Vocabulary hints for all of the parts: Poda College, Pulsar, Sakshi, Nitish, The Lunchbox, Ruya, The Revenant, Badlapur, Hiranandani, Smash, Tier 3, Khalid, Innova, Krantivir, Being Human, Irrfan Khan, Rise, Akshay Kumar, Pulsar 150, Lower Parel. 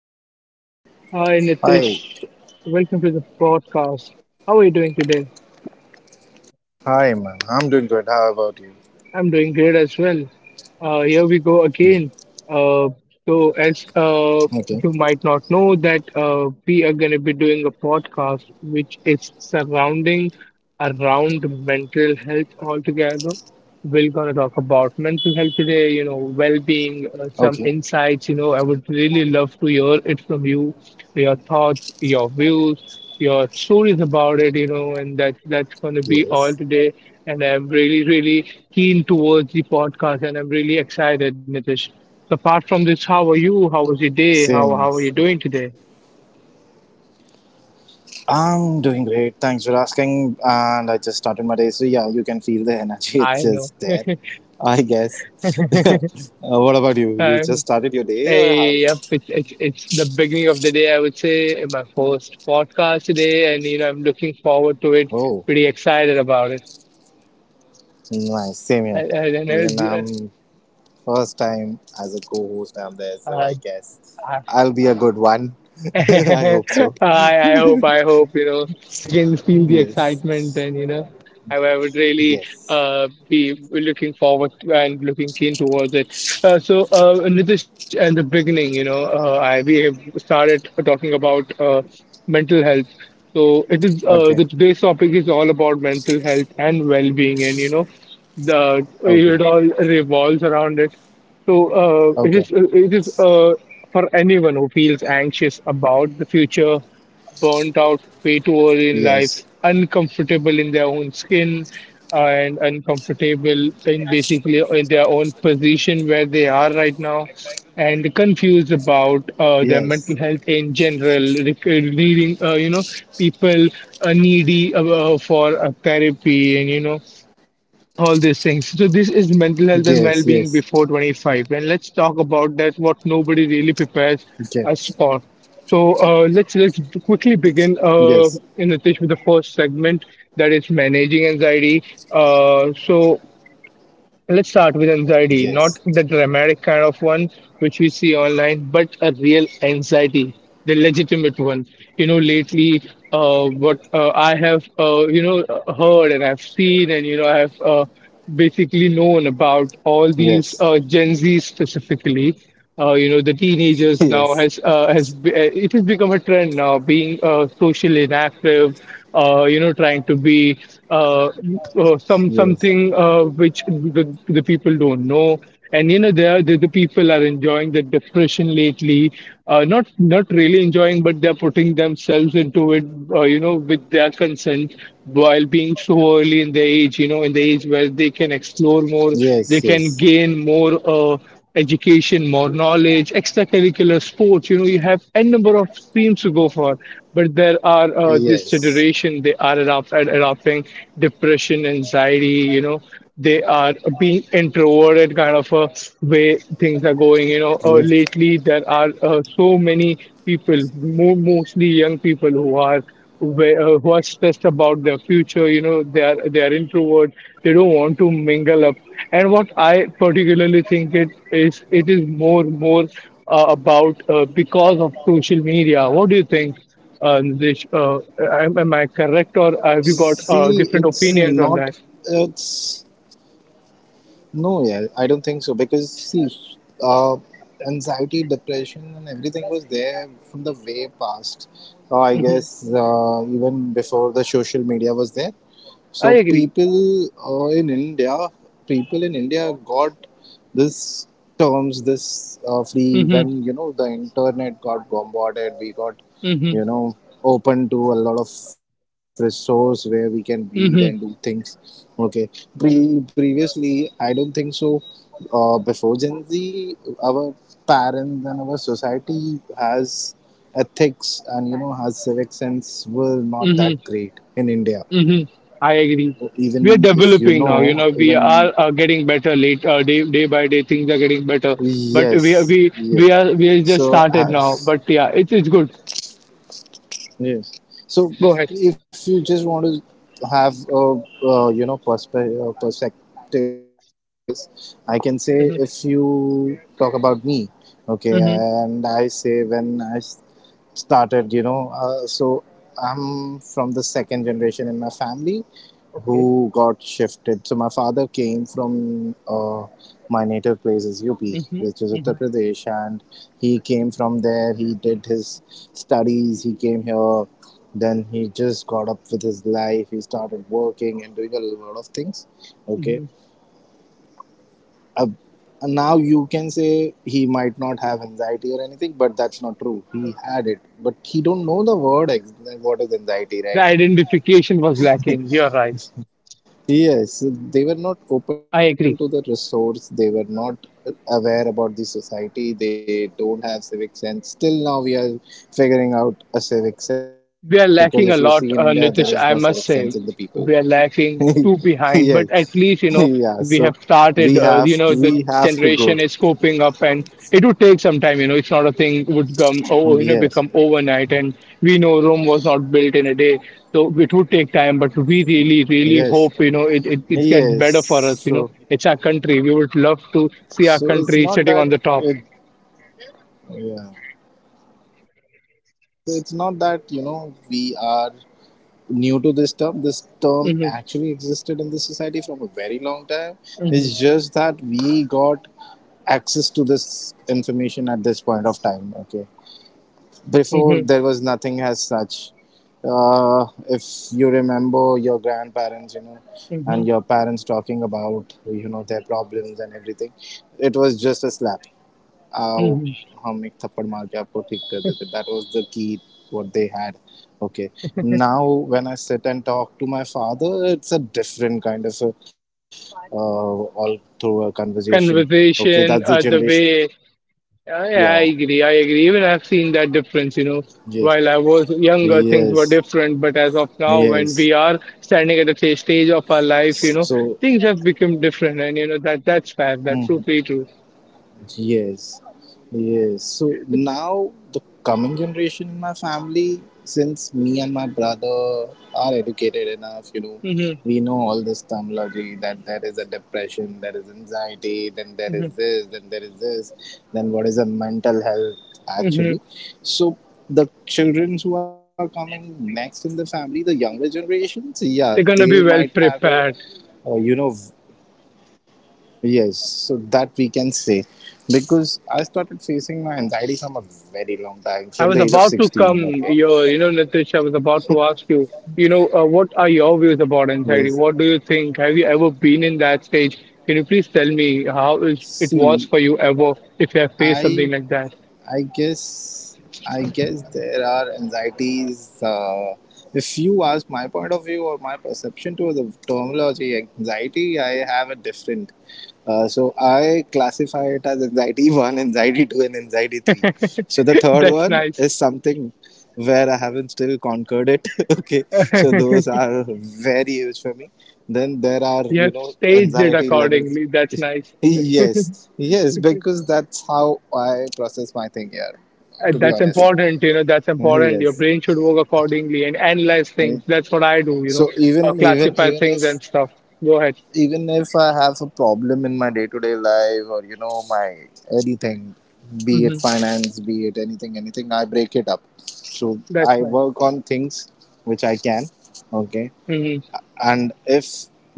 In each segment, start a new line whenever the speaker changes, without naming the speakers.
hello. Hi, Nitish.
Hi,
Welcome to the podcast. How are you doing today?
hi, man. I'm doing good. How about you?
I'm doing great as well. Here we go
Yeah.
again. Uh, so, as
Okay.
uh, you might not know, that we are going to be doing a podcast which is surrounding around mental health altogether. We're going to talk about mental health today, you know,
Okay.
well-being, some insights. You know, I would really love to hear it from you, your thoughts, your views your stories about it, you know, and that
Yes.
that's going to be all today. And I'm really, really keen towards the podcast, and I'm really excited, Nitish. So apart from this, how are you?
Same.
How was
Yes.
your day? How are you doing today?
I'm doing great. Thanks for asking. And I just started my day, so yeah, you can feel the energy. It's just
I
there.
know.
I guess. Yeah. What about you? You just started
Um,
your day, or how is
hey,
it?
yep, it's the beginning of the day, I would say, my first podcast today, and you know, I'm looking forward to it.
Oh,
Pretty excited about it.
nice. Same here.
I, I,
Even
and,
I'm first time as a co-host. I'm there, so
uh,
I guess
uh,
I'll be a good one. I
I
hope so.
I hope you know you can feel the excitement and
Yes.
you know I would really
Yes.
be looking forward and looking keen towards it. So, Nitish, at the beginning, you know, I we have started talking about mental health. So it is the
Okay.
today's topic is all about mental health and well-being, and you know, the it all
Okay.
revolves around it. So uh, it is
Okay.
it is uh, for anyone who feels anxious about the future burnt out, way too early in
Yes.
life, uncomfortable in their own skin, and uncomfortable in basically in their own position where they are right now, and confused about
Yes.
their mental health in general. Needing, you know, people needy for therapy, and you know all these things. So this is mental
Yes.
health and
Yes.
well-being before 25, and let's talk about that what nobody really
Okay.
prepares us for. So let's quickly begin,
Yes.
in Nitish, with the first segment that is managing anxiety. So, let's start with anxiety,
Yes.
not the dramatic kind of one which we see online, but a real anxiety, the legitimate one. You know, lately, what I have, you know, heard and I've seen, and you know, I've basically known about
Yes.
all
Yes.
these Gen Z specifically you know the teenagers now
Yes.
it has become a trend now being socially inactive you know trying to be uh, some
Yes.
something which the people don't know and you know the people are enjoying the depression lately, not not really enjoying but they're putting themselves into it, you know with their consent, while being so early in the age, you know, in the age where they can explore more, they can
Yes.
gain more education, more knowledge, extracurricular sports. You know, you have n number of streams to go for. But there are this
Yes.
generation they are adopting depression, anxiety. You know, they are being introverted kind of a way things are going. You know,
Yes.
lately there are so many people, mostly young people, who are where, who are stressed about their future, you know, they are introvert, they don't want to mingle up, and what I particularly think it is more about because of social media. What do you think, Nilesh? Am I correct, or have you
See,
got
it's
different
not.
opinions on that?
It's no. Yeah, I don't think so because see, uh, anxiety, depression, and everything was there from the way past. I
Hmm,
guess even before the social media was there.
I
So
agree.
people in India, people in India got this terms, this free,
Hmm.
when, you know, the internet got bombarded. We got,
Hmm.
you know, open to a lot of resource where we can read and
Hmm.
do things. Okay. Previously I don't think so. Before Gen Z, our parents and our society has ethics, and, you know, has civic sense, were not
Hmm.
that great in India,
Hmm. I agree. We are
even if, you
developing now. You
know,
know, we
even
are getting better. Late day day by day, things are getting better. But
yes, yes.
we are just
so
started now.
has
But yeah, it's good.
Yes. So,
Go ahead.
if you just want to have a perspective about this, I can say, if
Hmm.
you talk about me, okay.
Hmm.
And I say, when I started, you know, so I'm from the second generation in my family
Okay.
who got shifted. So my father came from my native place is UP,
Hmm.
which is Uttar
Hmm.
Pradesh, and he came from there. He did his studies. He came here. Then he just got up with his life. He started working and doing a lot of things. Okay.
Hmm.
Uh, and now you can say he might not have anxiety or anything, but that's not true. He had it, but he don't know the word what is anxiety,
The
right?
identification was lacking. You're right.
Yes, they were not
I
open
agree.
to the resource. They were not aware about the society. They don't have civic sense. Still now, we are figuring out a civic sense,
We
because
are
if you
lacking
see
a
in India,
lot,
there is no
Nitish.
civic
I
sense
must
in the
say,
people.
we are lacking too behind. But
Yes,
at least you know
yeah. So
we have
we
started.
have
You know
we
the
have to go.
generation is coping up, and it would take some time. You know, it's not a thing would come oh oh, you know
Yes,
become overnight. And we know Rome was not built in a day, so it would take time. But we really, really
yes,
hope you know it it it gets
yes.
better for us. You know,
So
it's our country. We would love to see our
so it's
country
not
sitting
that
on the top.
it, yeah, yeah. So it's not that, you know, we are new to this term. This term
Mhm,
actually existed in this society from a very long time. It's
mhm,
just that we got access to this information at this point of time. Okay, before
mhm,
there was nothing as such. If you remember your grandparents, you know,
mhm,
and your parents talking about, you know, their problems and everything, it was just a slap. आओ
mhm.
हम एक थप्पड़ मार के आपको ठीक कर देते, that was the key what they had. Okay. Now, when I sit and talk to my father, it's a different kind of a uh, all through a conversation. Okay, that's the
Conversation, the
generation
way
gap, yeah.
I agree. I agree. Even I've seen that difference, you know.
Yes,
While I was younger,
yes,
things were different, but as of now,
yes.
when we are standing at a stage of our life, you
So,
know,
hmm.
things have become different, and you know that that's fair. That's totally true.
Yes, yes. So now the coming generation in my family, since me and my brother are educated enough, you know,
Hmm.
we know all this terminology, that there is a depression, there is anxiety, then there is
Hmm.
this, then there is this, then what is a mental health
Hmm.
actually. So the children who are coming next in the family, the younger generations, yeah,
They're
they
gonna be
might
well
have a,
prepared.
uh, you know, yes, so that we can say, because I started facing my anxiety from a very long time, from
I
the
was
age of
about to come
16. Okay.
here, you know, Nitish. I was about to ask you, you know, what are your views about anxiety?
Yes.
What do you think? Have you ever been in that stage? Can you please tell me how is, it
See,
was for you ever if you have faced
I
something like that?
I guess I guess there are anxieties. If you ask my point of view, or my perception to the terminology anxiety, I have a different. So I classify it as anxiety one, anxiety two, and anxiety three. So the third
That's
one
nice.
is something where I haven't still conquered it. Okay, so those are very huge for me. Then there are,
You
you
have
know,
staged it
anxiety levels.
accordingly. That's nice.
Yes, yes, because that's how I process my thing here, to be
That's
honest.
important, you know, that's important. Your
Yes.
brain should work accordingly and analyze things. That's what I do, you know,
So even even
classify
even
things
if
and stuff. Go ahead.
even if I have a problem in my day to day life, or, you know, my anything, be
Hmm.
it finance, be it anything, I break it up. So
That's
I
nice.
work on things which I can. Okay.
Hmm.
And if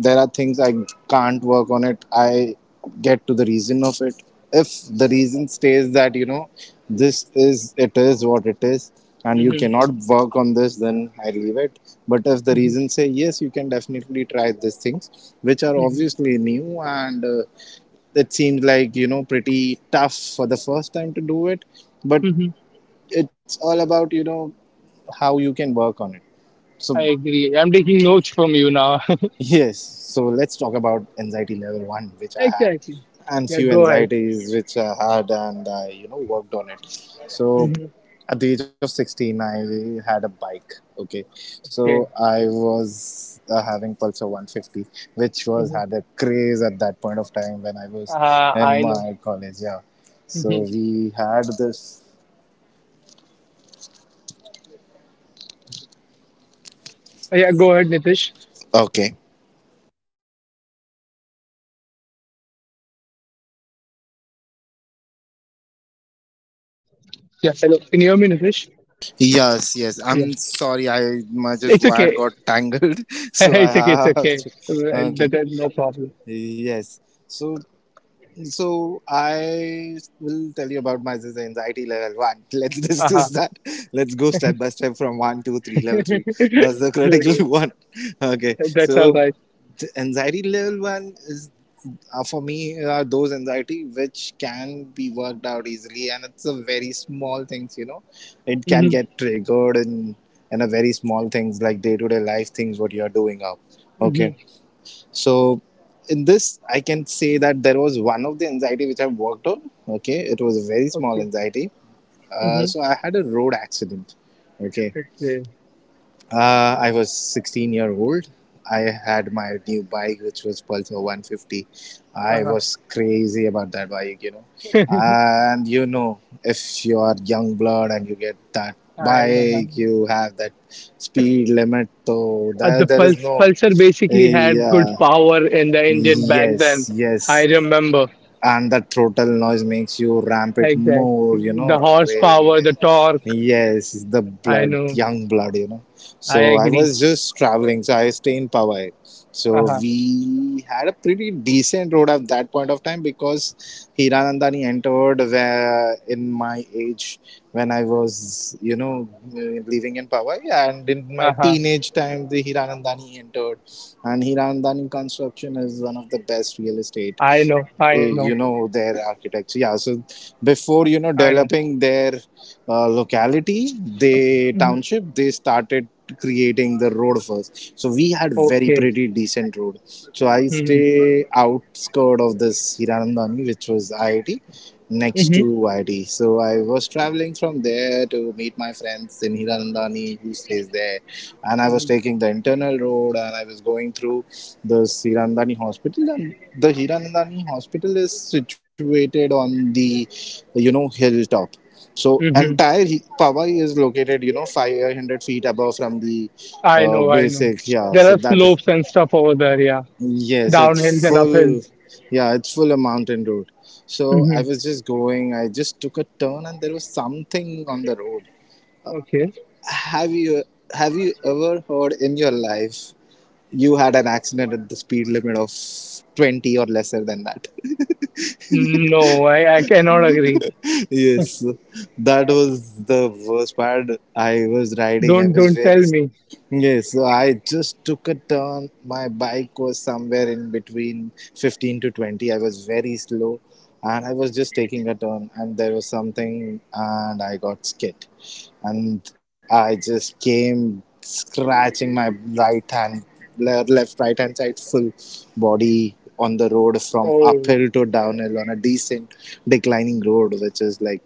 there are things I can't work on it, I get to the reason of it. If the reason stays that, you know, this is, it is what it is, and you
Hmm.
cannot work on this, then I leave it. But if the
Hmm.
reason say yes, you can definitely try these things, which are obviously new, and it seems like, you know, pretty tough for the first time to do it, but
Hmm. Hmm.
it's all about, you know, how you can work on it. So,
I agree. I'm taking notes from you now.
yes, so let's talk about anxiety level one, which I had,
Exactly.
and
Yeah,
few
go ahead.
anxieties which I had, and I, you know, worked on it. So,
Hmm.
at the age of 16, I had a bike. Okay,
Okay.
so I was having Pulsar 150, which was
Hmm.
had a craze at that point of time when I was in
I know.
my college. Yeah, so
Hmm.
we had this.
Yeah, go ahead, Nitish.
Okay.
Yeah, hello. Can you hear me, Nitish?
Yes, yes.
Yeah.
I'm sorry. I my just
It's
wire
okay.
got tangled, so I
It's okay, it's
have
okay.
to.
Well,
Okay.
no problem.
Yes. So so I will tell you about my anxiety level one. Let's
Uh-huh.
discuss that. Let's go step by step from one, two, three, level three. That's the critical one. Okay.
That's all
So
right.
the anxiety level one is, for me, are those anxiety which can be worked out easily, and it's a very small things, you know, it can
Mm-hmm.
get triggered in a very small things, like day-to-day life things, what you're doing up.
Mm-hmm.
Okay, so in this, I can say that there was one of the anxiety which I worked on. Okay, it was a very small
Okay.
anxiety. Uh,
Mm-hmm.
so I had a road accident. Okay,
Okay.
I was 16-year-old. I had my new bike, which was Pulsar 150. I
Uh-huh.
was crazy about that bike, you know. And you know, if you are young blood and you get that
I know.
bike, you have that speed limit. So
Uh,
there,
the
there is
Puls
no.
Pulsar basically had
Yeah.
good power in the engine back then.
Yes,
I
yes.
remember.
And that throttle noise makes you ramp it
Exactly.
more, you know,
The
raise it.
horsepower, the torque.
Yes, the
I
blood,
know.
young blood, you know.
I
So I
agree.
was just traveling, so I stay in Pawai. So
Uh-huh.
we had a pretty decent road at that point of time, because Hiranandani entered where in my age, when I was, you know, living in Pawai, and in my
Uh-huh.
teenage time the Hiranandani entered. And Hiranandani construction is one of the best real estate,
I know. I know.
you know, their architecture, yeah. So before, you know,
I know.
developing their locality, they township, they started creating the road first. So we had very
Okay.
pretty decent road. So I
Mm-hmm.
stay outskirt of this Hiranandani, which was IIT, next
Mm-hmm.
to ID. So I was traveling from there to meet my friends in Hiranandani who stays there. And I
Mm-hmm.
was taking the internal road, and I was going through this Hiranandani hospital. And the Hiranandani hospital is situated on the, you know, hilltop. So
Mm-hmm.
entire Pawai is located, you know, 500 feet above from the
I know, I know.
basic. Yeah,
There
so
are
that is.
slopes and stuff over there, yeah.
Yes, it's
Downhills and
full.
uphills.
Yeah, it's full a mountain road. So I
Hmm.
was just going. I just took a turn, and there was something on the road.
Okay.
Have you have you ever heard in your life you had an accident at the speed limit of 20 or lesser than that?
No, I cannot agree.
Yes, that was the worst part. I was riding, I
Don't
was
don't tell
very.
me.
Yes, so I just took a turn. My bike was somewhere in between 15 to 20. I was very slow, and I was just taking a turn, and there was something, and I got skid. And I just came scratching my right hand, left, right hand side, full body on the road from
Oh,
uphill to downhill on a decent declining road, which is like.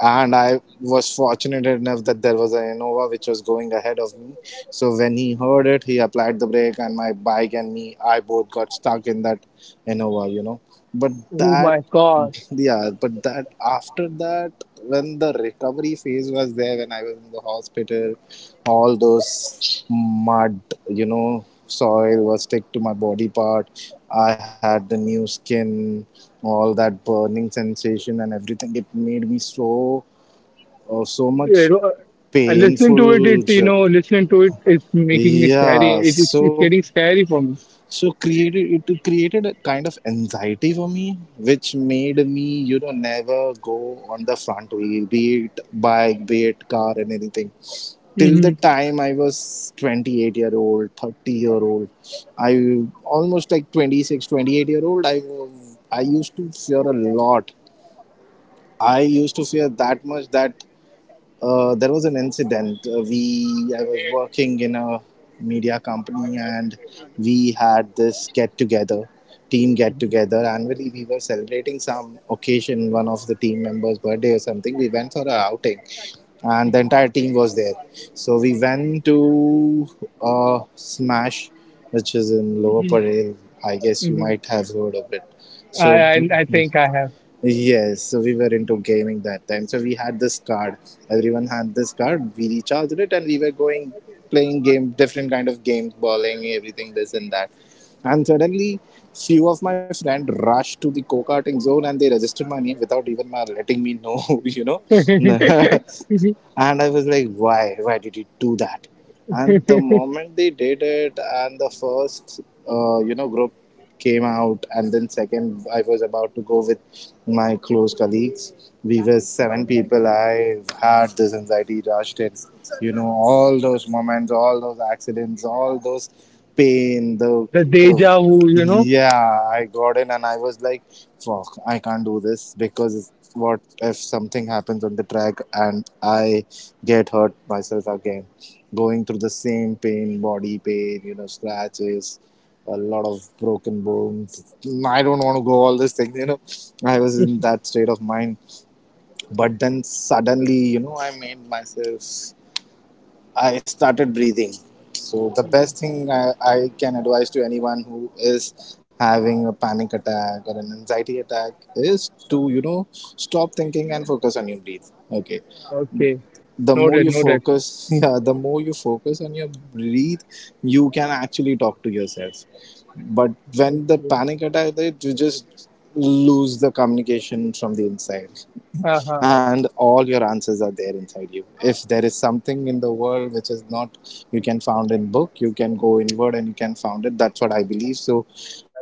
And I was fortunate enough that there was an Innova which was going ahead of me. So when he heard it, he applied the brake, and my bike and me, I both got stuck in that Innova, you know. But
oh
that,
my God.
yeah, but that after that, when the recovery phase was there, when I was in the hospital, all those mud, you know, soil was stick to my body part. I had the new skin, all that burning sensation and everything. It made me so or so
You
much
know, listening to it, it
painful.
you know, listening to it is making me scary.
Yeah,
It is it's
so
getting scary for me.
so created it created a kind of anxiety for me, which made me, you know, never go on the front wheel, be it bike, be it car, and anything. Till
Hmm.
the time I was 28-year-old, 30-year-old, I almost like 26, 28 year old. I used to fear a lot. I used to fear that much that. There was an incident. We I was working in a media company, and we had this get together, team get
Hmm.
together annually. We were celebrating some occasion, one of the team members' birthday or something. We went for a outing, and the entire team was there. So we went to Smash, which is in Lower Parel. I guess you
Hmm.
might have heard of it. So
I I think I have
Yes, so we were into gaming that time. So we had this card. Everyone had this card. We recharged it, and we were going playing game, different kind of games, bowling, everything, this and that. And suddenly, few of my friend rushed to the go-karting zone, and they registered my name without even my letting me know. And
the
I was like, why? Why did you do that? And the moment they did it, and the first, group came out, and then second, I was about to go with my close colleagues. We were seven people. I had this anxiety rush. It's, all those moments, all those accidents, all those pain, the uh,
deja vu, you know.
yeah, I got in, and I was like, fuck, I can't do this, because what if something happens on the track and I get hurt myself again, going through the same pain, body pain, scratches, a lot of broken bones. I don't want to go all these things. I was in that state of mind. But then suddenly, I made myself, I started breathing. So, the best thing I can advise to anyone who is having a panic attack or an anxiety attack is to, stop thinking and focus on your breath. Okay,
Okay,
the more
noted,
you
noted.
focus, yeah, the more you focus on your breathe, you can actually talk to yourself. But when the panic attack, it, you just lose the communication from the inside.
Okay.
And all your answers are there inside you. If there is something in the world which is not, you can found in book. You can go inward, and you can found it. That's what I believe. So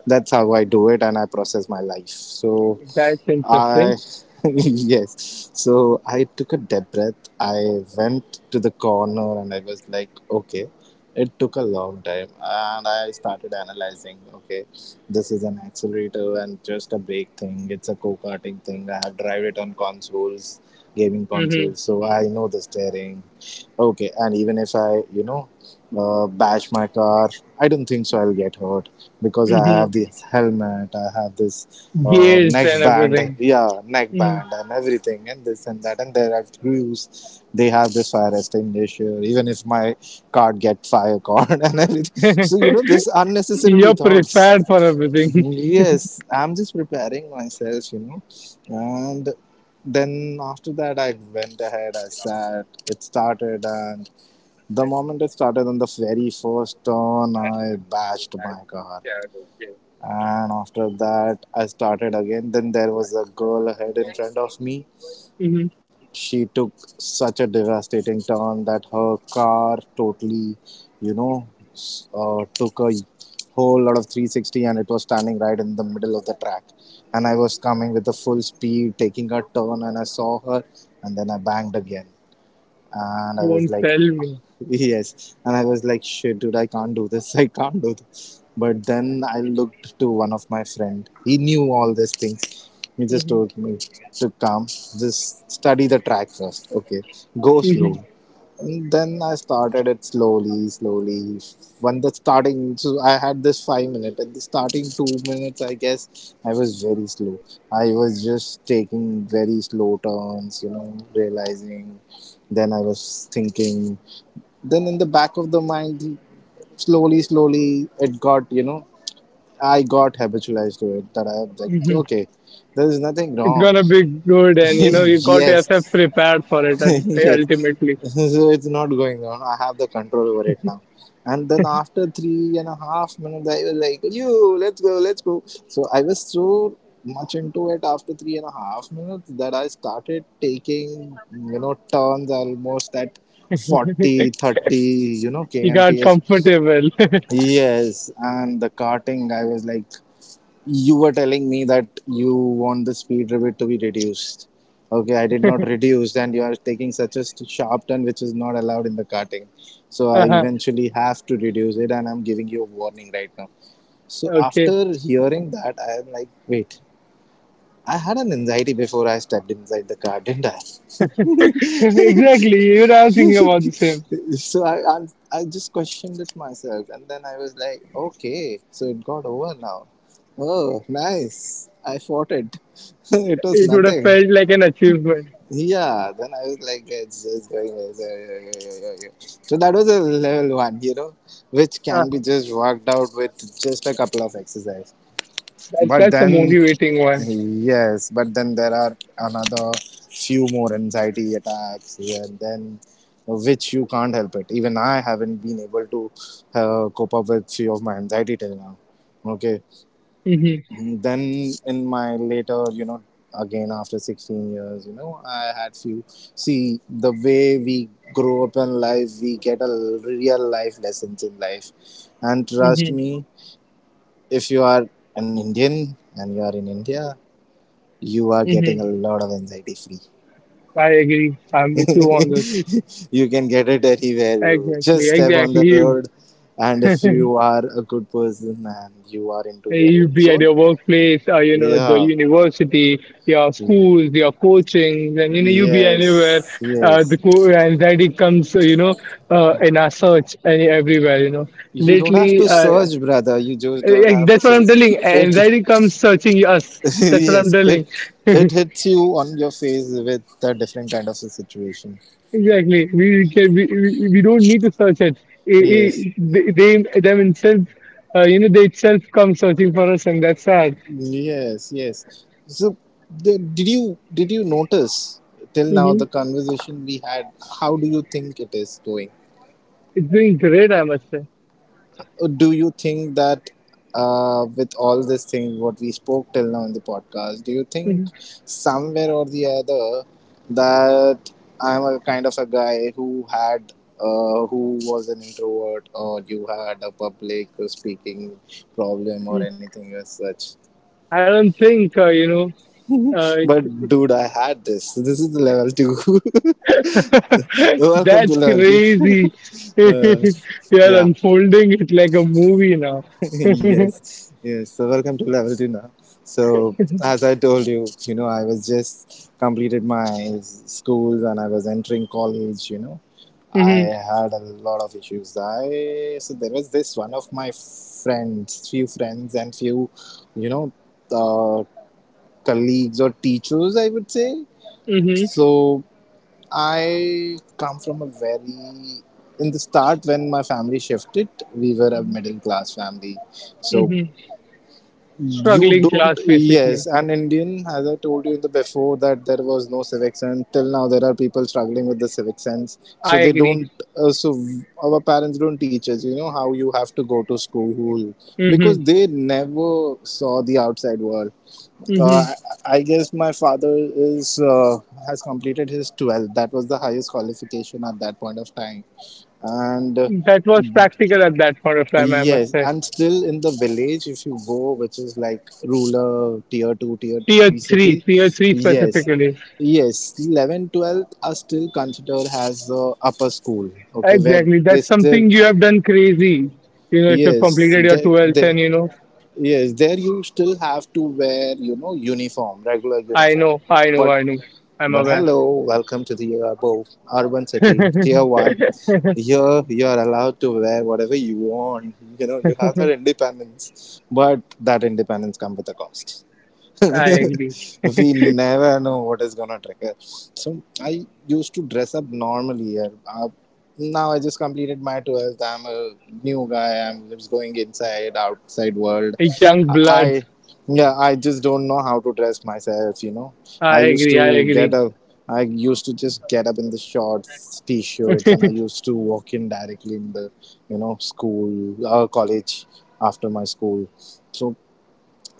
that's how I do it, and I process my life. So
That's
I,
interesting.
yes, so I took a deep breath. I went to the corner, and I was like, okay. It took a long time, and I started analyzing, okay, this is an accelerator and just a brake thing. It's a co-karting thing. I have drive it on consoles, gaming
Hmm.
consoles, so I know the steering. Okay, and even if I, bash my car, I don't think so I'll get hurt because I have
Hmm.
this helmet, I have this
Gears
neck
and
band,
everything.
yeah, neck
Hmm.
band and everything, and this and that. And there are crews, they have this fire extinguisher, even if my card get fire card and everything. So, this unnecessarily
You're prepared for
thoughts.
everything.
Yes, I'm just preparing myself, and then after that, I went ahead, I sat, it started, and the moment it started on the very first turn, I bashed my car. And after that, I started again. Then there was a girl ahead in front of me.
Hmm.
She took such a devastating turn that her car totally, you know, took a whole lot of 360, and it was standing right in the middle of the track. And I was coming with the full speed, taking a turn, and I saw her, and then I banged again. And I
Won't
was like,
tell me.
yes, and I was like, shit, dude, I can't do this. I can't do this. But then I looked to one of my friend, he knew all these things. He just
Hmm.
told me to come, just study the track first, okay, go
Hmm.
slow. And then I started it slowly, slowly. When the starting, so I had this 5 minute at the starting, 2 minutes I guess, I was very slow. I was just taking very slow turns, realizing. Then I was thinking, then in the back of the mind, slowly, slowly, it got, I got habitualized to it, that I am like,
Hmm.
okay, there is nothing
It's
wrong.
gonna be good, and you know you got yourself
Yes.
prepared for it. And
Yes.
ultimately,
So it's not going on. I have the control over it now. And then after 3.5 minutes, I was like, you, let's go, let's go. So I was so much into it after 3.5 minutes that I started taking, turns almost at 40, 30,
you got
kmph.
comfortable.
Yes, and the karting, I was like, you were telling me that you want the speed limit to be reduced. Okay, I did not reduce, and you are taking such a sharp turn which is not allowed in the karting. So I
Uh-huh.
eventually have to reduce it, and I'm giving you a warning right now. So
Okay,
after hearing that, I am like, wait, I had an anxiety before I stepped inside the car, didn't I?
exactly. You were thinking about the same.
So I just questioned it myself, and then I was like, okay, so it got over now. Oh, nice! I fought it. It was
It would have
nothing.
felt like an achievement.
Yeah. Then I was like, it's going. It's, yeah, yeah, yeah, yeah, yeah. So that was a level one, which can be
Uh-huh.
just worked out with just a couple of exercise.
That,
But
that's a
then
motivating one.
Yes, but then there are another few more anxiety attacks, and then which you can't help it. Even I haven't been able to cope up with few of my anxiety till now. Okay,
Mm-hmm.
then in my later, again after 16 years, I had few. See, the way we grow up in life, we get a real life lessons in life, and trust me, if you are an Indian and you are in India, you are
Mm-hmm.
getting a lot of anxiety free.
I agree. I'm with you on this.
You can get it anywhere, bro. Just
Exactly,
step on
exactly.
the
You,
road, and if you are a good person and you are into your
you
own
be at
zone,
your workplace, or you know, the
yeah.
university, your
Mhm.
schools, your coaching, and you know, you be anywhere.
Yes,
Uh, the
yes.
co- anxiety comes, you know, in our search and everywhere. You know,
You don't have
lately,
to search, brother. You just don't have to
that's what I'm
search.
telling.
It,
Anxiety comes searching us. That's what I'm
yes,
telling.
it hits you on your face with a different kind of a situation.
Exactly. We can, we don't need to search it. I-
Yes.
I- they, they them itself, you know, they itself come searching for us, and that's sad.
Yes, yes. So, did you notice till now
Hmm.
the conversation we had? How do you think it is going?
It's doing great, I must say.
Or do you think that with all this thing what we spoke till now in the podcast, do you think
Hmm.
somewhere or the other that I'm a kind of a guy who had who was an introvert, or you had a public speaking problem or anything as such?
I don't think you know. Uh,
But dude, I had this. This is the level two. Welcome to
that's
level two.
crazy.
Uh,
You are
yeah.
unfolding it like a movie now. Hmm.
Yes. Yes. So welcome to level two now. So as I told you, I was just completed my schools, and I was entering college. You know, I had a lot of issues. I So there was this one of my friends, few friends and few, you know, uh, colleagues or teachers, I would say.
Hmm.
So, I come from a very, in the start, when my family shifted, we were a middle class family. So
Hmm.
you
Struggling
don't
class, basically.
yes, an Indian, as I told you in the before, that there was no civic sense. Till now there are people struggling with the civic sense.
I
So they
agree.
don't, our parents don't teach us, you know, how you have to go to school,
Hmm.
because they never saw the outside world.
Hmm.
I guess my father is has completed his 12th. That was the highest qualification at that point of time. And
That was practical at that point of time, I must
yes,
say.
I'm still in the village if you go, which is like rural tier 2, tier
Tier
3
3,
city.
Tier 3
Yes,
specifically.
yes, 11, 12th are still considered as the upper school, okay, where they
Exactly. That's
still,
something you have done crazy. You know, if you've
yes,
completed your 12th and you know,
yes, there you still have to wear, you know, uniform, regular
I
uniform.
know, I know,
But
I know. I'm aware.
Hello, welcome to the above urban city, tier one. Here you are allowed to wear whatever you want. You know, you have that independence. But that independence comes with a cost.
I agree.
We never know what is gonna trigger. So I used to dress up normally. Now I just completed my 12th. I'm a new guy. I'm just going inside, outside world.
Young
I,
bloods.
I- yeah, I just don't know how to dress myself. You know, I
I
used
agree, I
to get
agree.
up. I used to just get up in the shorts, t-shirts, and I used to walk in directly in the, school, college after my school. So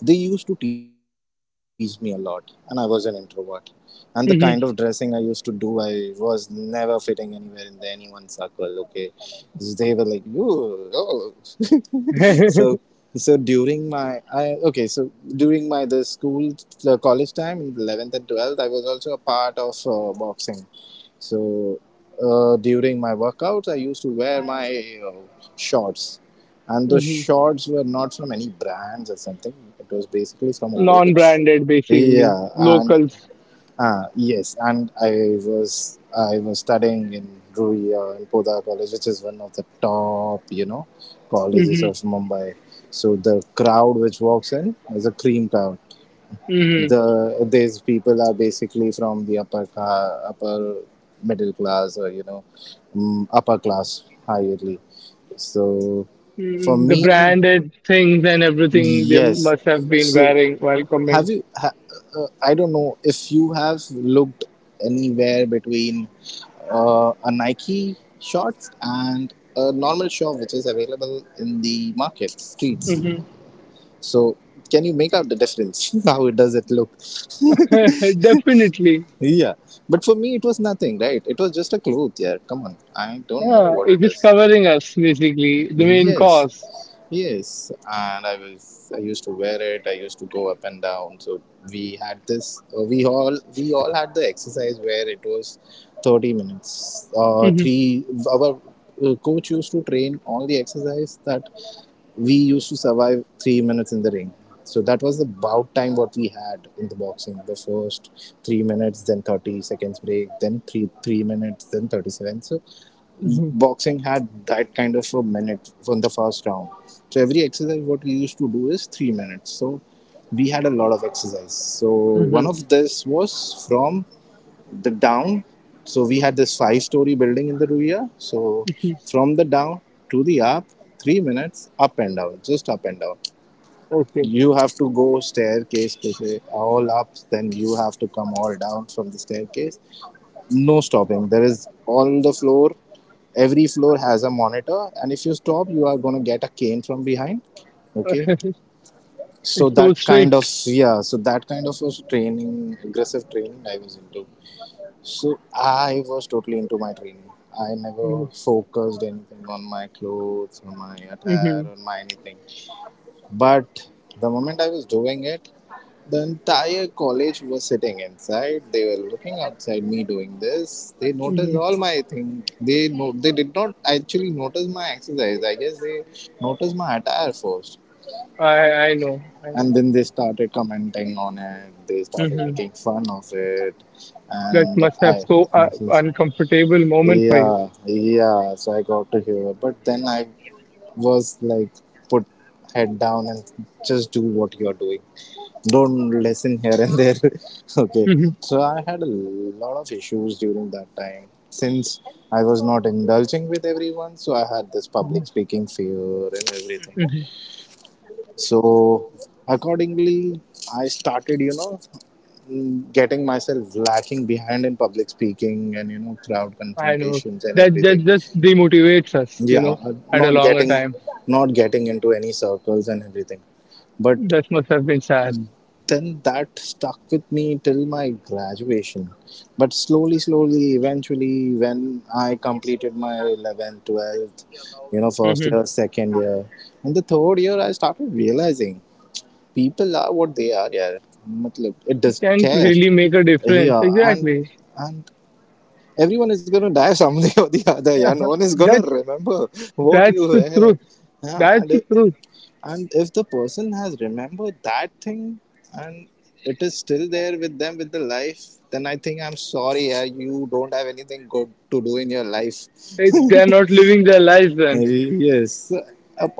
they used to tease me a lot, and I was an introvert. And the kind of dressing I used to do, I was never fitting anywhere in the anyone's circle, okay. They were like, you oh. so so during my I okay so during my the school, the college time in 11th and 12th, I was also a part of boxing. So during my workouts, I used to wear my shorts, and those shorts were not from any brands or something. It was basically from a local.
Non branded, basically.
Yeah, and
Locals.
yes, and I was studying in Ruya in Poda College, which is one of the top, you know, colleges
Hmm.
of Mumbai. So the crowd which walks in is a cream crowd. These people are basically from the upper upper middle class, or, you know, upper class higherly. So for
Mm, the
me,
branded things and everything they
yes.
must have been
So
wearing while
have
coming.
you ha, I don't know if you have looked anywhere between a Nike shorts and a normal shop which is available in the market streets.
Hmm.
So can you make out the difference? How it does it look?
Definitely.
Yeah, but for me it was nothing, right? It was just a cloth. Yeah, come on, I don't know
Yeah,
what
it
it
is
is.
covering us basically, the main
Yes.
because
Yes, and I used to wear it. I used to go up and down. So we had this. We all had the exercise where it was 30 minutes.
hmm.
Three Our coach used to train all the exercise that we used to survive 3 minutes in the ring. So that was the bout time what we had in the boxing. The first 3 minutes, then 30 seconds break, then three minutes, then thirty seven
Hmm.
boxing had that kind of a minute from the first round. So every exercise what we used to do is 3 minutes. So we had a lot of exercise. So one
Hmm.
of this was from the down. So we had this 5-story building in the Ruya. So from the down to the up, 3 minutes up and down, just up and down.
Okay.
You have to go staircase all up, then you have to come all down from the staircase. No stopping. There is on the floor, every floor has a monitor, and if you stop, you are going to get a cane from behind, okay. So
It's so strict.
that kind of was training, aggressive training I was into. So I was totally into my training. I never
Hmm.
focused anything on my clothes or my
Hmm.
attire or my anything. But the moment I was doing it, the entire college was sitting inside. They were looking outside me doing this. They noticed
Hmm.
all my thing. They, no, they did not actually notice my exercise. I guess they noticed my attire first,
I I know. I know.
and then they started commenting on it. They started
Hmm.
making fun of it,
That
and
must have
I.
so
This is-
uncomfortable moment for you.
yeah, yeah. So I got to hear, but then I was like, put head down and just do what you're doing, don't listen here and there. Okay.
Hmm.
So I had a lot of issues during that time, since I was not indulging with everyone. So I had this
Hmm.
public speaking fear and everything.
Hmm.
So accordingly, I started, you know, getting myself lacking behind in public speaking and, you know, crowd
I know.
confrontations and
That that
everything.
just demotivates us, you
Yeah.
know,
uh,
at a
not
longer
getting
time.
not getting into any circles and everything, but
That must have been sad.
then that stuck with me till my graduation. But slowly, slowly, eventually, when I completed my 11th, 12th, you know,
Hmm.
first year, second year, and the third year, I started realizing people are what they are, yeah. Matlab, it does not
Can
care.
really make a difference.
Yeah, and
Exactly.
and everyone is gonna die someday or the other. Yeah,
Yeah.
no one is gonna
That's
remember what you
that's the
were.
truth.
Yeah,
That's the truth.
and if the person has remembered that thing and it is still there with them with the life, then I think, I'm sorry, yeah, you don't have anything good to do in your life.
They, they're not living their lives then.
Yes,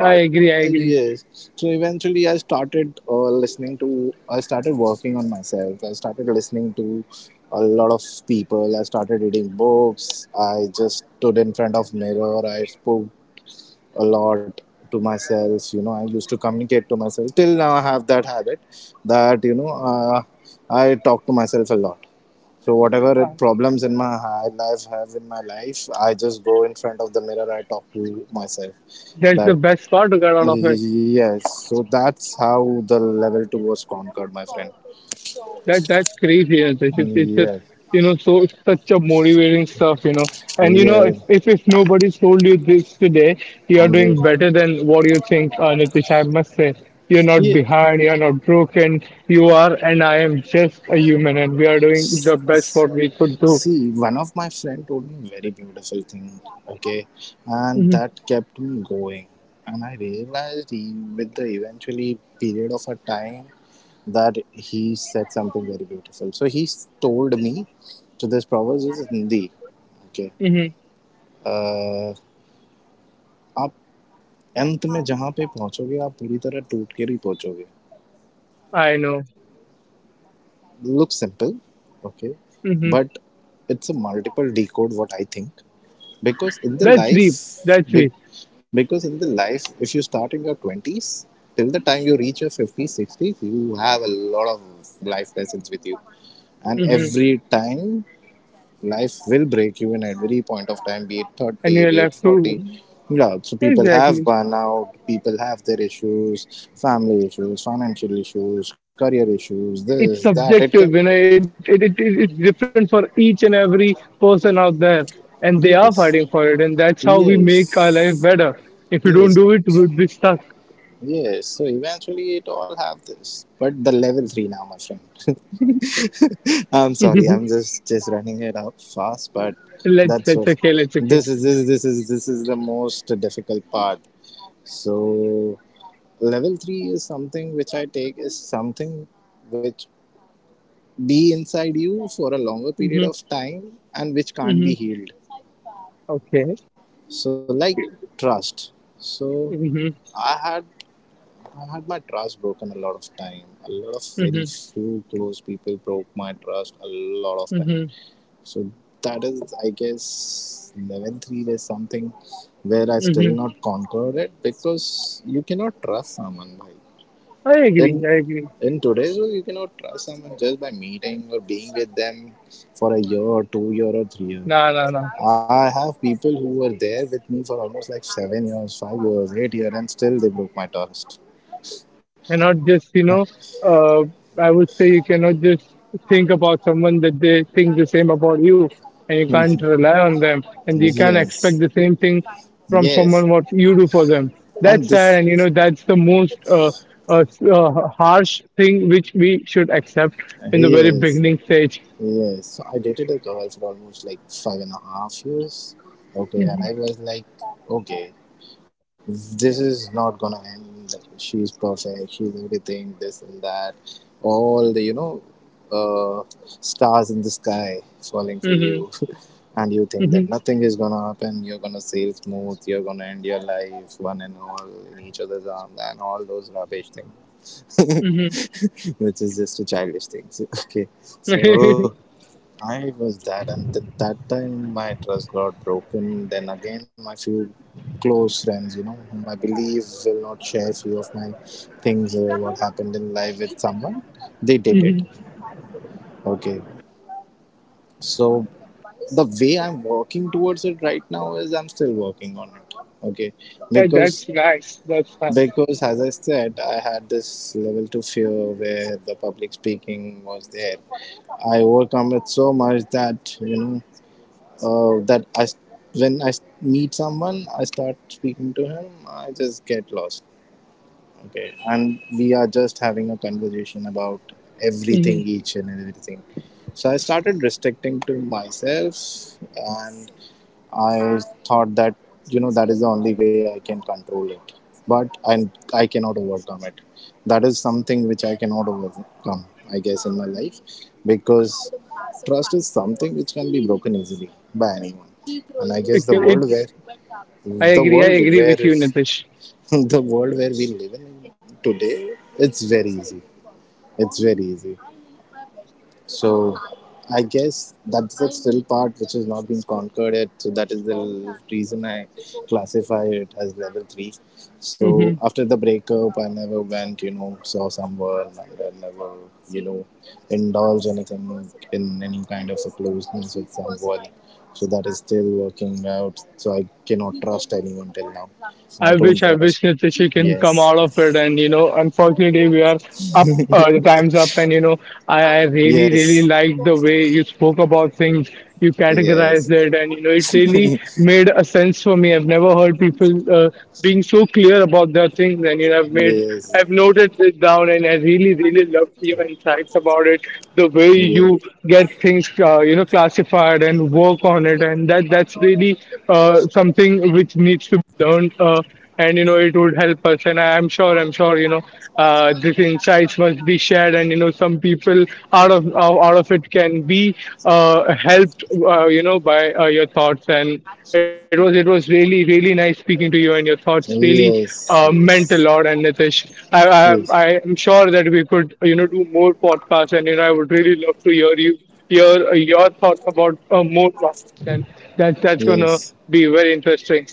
I agree, I agree.
Yes. So eventually, I started listening to. I started working on myself. I started listening to a lot of people. I started reading books. I just stood in front of mirror. I spoke a lot to myself. You know, I used to communicate to myself. Till now I have that habit that, you know, I talk to myself a lot. So whatever problems in my life, I just go in front of the mirror, I talk to myself
That's the
that
best part to get out of it.
yes. So that's how the level 2 was conquered, my friend.
That that's crazy, Antesh. It's just
Yes.
you know so such a motivating stuff, you know. And you know
Yes.
if nobody told you this today, you are
Yes.
doing better than what you think, Nitish. I must say, you're not
Yes.
behind, you're not broken, you are, and I am just a human, and we are doing the best what we could do.
See, one of my friend told me very beautiful thing, okay, and
Hmm.
that kept me going. And I realized he, with the eventually period of a time, that he said something very beautiful. So he told me, so this proverb is Hindi, okay.
Hmm.
Uh, आप अंत में जहाँ पे पहुँचोगे आप पूरी तरह टूट कर ही पहुँचोगे.
I know.
Looks simple, okay,
Hmm.
but it's a multiple decode what I think. Because in the
That's
life
deep. That's
be,
deep.
because in the life if you start in your 20s, till the time you reach your 50s, 60s, you have a lot of life lessons with you, and
Hmm.
every time life will break you in every point of time, be it
And
30,
you're
be it
left
40.
to
Yeah, so people have
exactly.
burnout, people have their issues, family issues, financial issues, career issues, this
It's
that, it can.
subjective you know it, it, it, it it's different for each and every person out there and they are fighting for
Yes.
it and that's how we make our life better
Yes.
if you don't do it
Yes.
we'll be stuck.
Yes, so eventually it all have this, but the level three now, my friend. I'm sorry,
let's
I'm just running it up fast, but
let's
that's what
okay let's okay.
this is. This is the most difficult part. So level three is something which I take is something which be inside you for a longer
Hmm.
period of time and which
Hmm.
can't be healed.
Okay.
So, like, trust. So
Hmm.
I had I've had my trust broken a lot of time. A lot of very
Hmm.
few close people broke my trust a lot of time.
Hmm.
So that is, I guess, 11th read is something where I still
Hmm.
not conquered it, because you cannot trust someone by
I
in
agree, I agree.
in today's world. You cannot trust someone just by meeting or being with them for a year or 2 year or 3 years.
Nah nah nah.
I have people who were there with me for almost like 7 years, 5 years, 8 years, and still they broke my trust.
Cannot just you know, uh, I would say you cannot just think about someone that they think the same about you, and you
Yes.
can't rely on them and you can't expect the same thing from
Yes.
someone what you do for them.
And
That's sad,
this,
and you know that's the most harsh thing which we should accept in the very
yes,
beginning stage.
yes. So I dated a girl for almost like 5.5 years. Okay, and
Hmm.
I was like, okay, this is not gonna end. She's perfect, she's everything, this and that, all the, you know, stars in the sky falling for you.
Hmm.
And you think that nothing is gonna happen, you're gonna sail smooth, you're gonna end your life one and all in each other's arms, and all those rubbish things.
Hmm.
Which is just a childish thing. Okay, so
Hmm.
I was that, and that time my trust got broken. Then again, my few close friends, you know, whom I believe will not share few of my things, what happened in life with someone, they did it. Okay, so the way I'm working towards it right now is I'm still working on it. Okay,
That, that's
because
nice. That's nice.
because as I said, I had this level 2 fear where the public speaking was there. I overcome it so much that you know. uh, that I s- when I meet someone, I start speaking to him. I just get lost. Okay, and we are just having a conversation about everything,
Hmm.
each and everything. So I started restricting to myself, and I thought that, you know, that is the only way I can control it, but I cannot overcome it. That is something which I cannot overcome, I guess, in my life, because trust is something which can be broken easily by anyone, and I guess
It, can- it, I
the
agree. I
world
agree with
where
you, Nitish.
the world where we live in today, it's very easy. It's very easy. So I guess that's the still part which has not been conquered yet. So that is the reason I classify it as level three. So after the breakup, I never went, you know, saw someone, and I never, you know, indulged anything in any kind of a closeness with someone. So that is still working out. So I cannot trust anyone till now. I don't
I
trust.
wish Nitya she can come
Yes.
out of it. And you know, unfortunately, we are up, the time's up. And you know, I really, really
Yes.
liked the way you spoke about things, you categorized
Yes.
it, and you know, it really
Yes.
made a sense for me. I've never heard people being so clear about their things, and you know, I've made,
Yes.
I've noted it down, and I really, really loved your insights about it, the way you
Yes.
get things, you know, classified and work on it, and that that's really something which needs to don't and you know it would help us and I'm sure I'm sure you know, these insights must be shared and you know some people out of out of it can be helped, you know, by your thoughts. And it was really really nice speaking to you, and your thoughts really meant a lot. And Nitish,
Yes.
I
Yes,
am sure that we could you know do more podcasts, and you know I would really love to hear you hear your thoughts about more topics, and that that's gonna
yes,
be very interesting.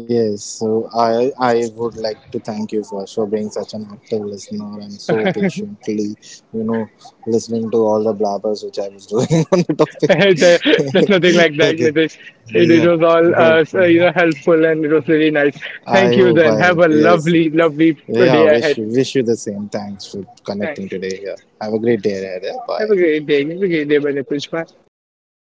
yes. So I would like to thank you for being such an active listener, and so patiently, you know, listening to all the blabbers which I was doing on the topic.
There- There's nothing like that,
Okay,
Nitish. It
yeah,
was all
but
so, you know, helpful, and it was really nice. Thank
I
you.
hope,
Then
I
have
hope.
a
Yes.
lovely, lovely
Yeah,
day
wish
ahead.
you wish you the same. Thanks for connecting
Thanks.
today. Yeah. Have a great day ahead. Yeah.
Have
Bye.
a great day. Have a great day, Bye.
Bye.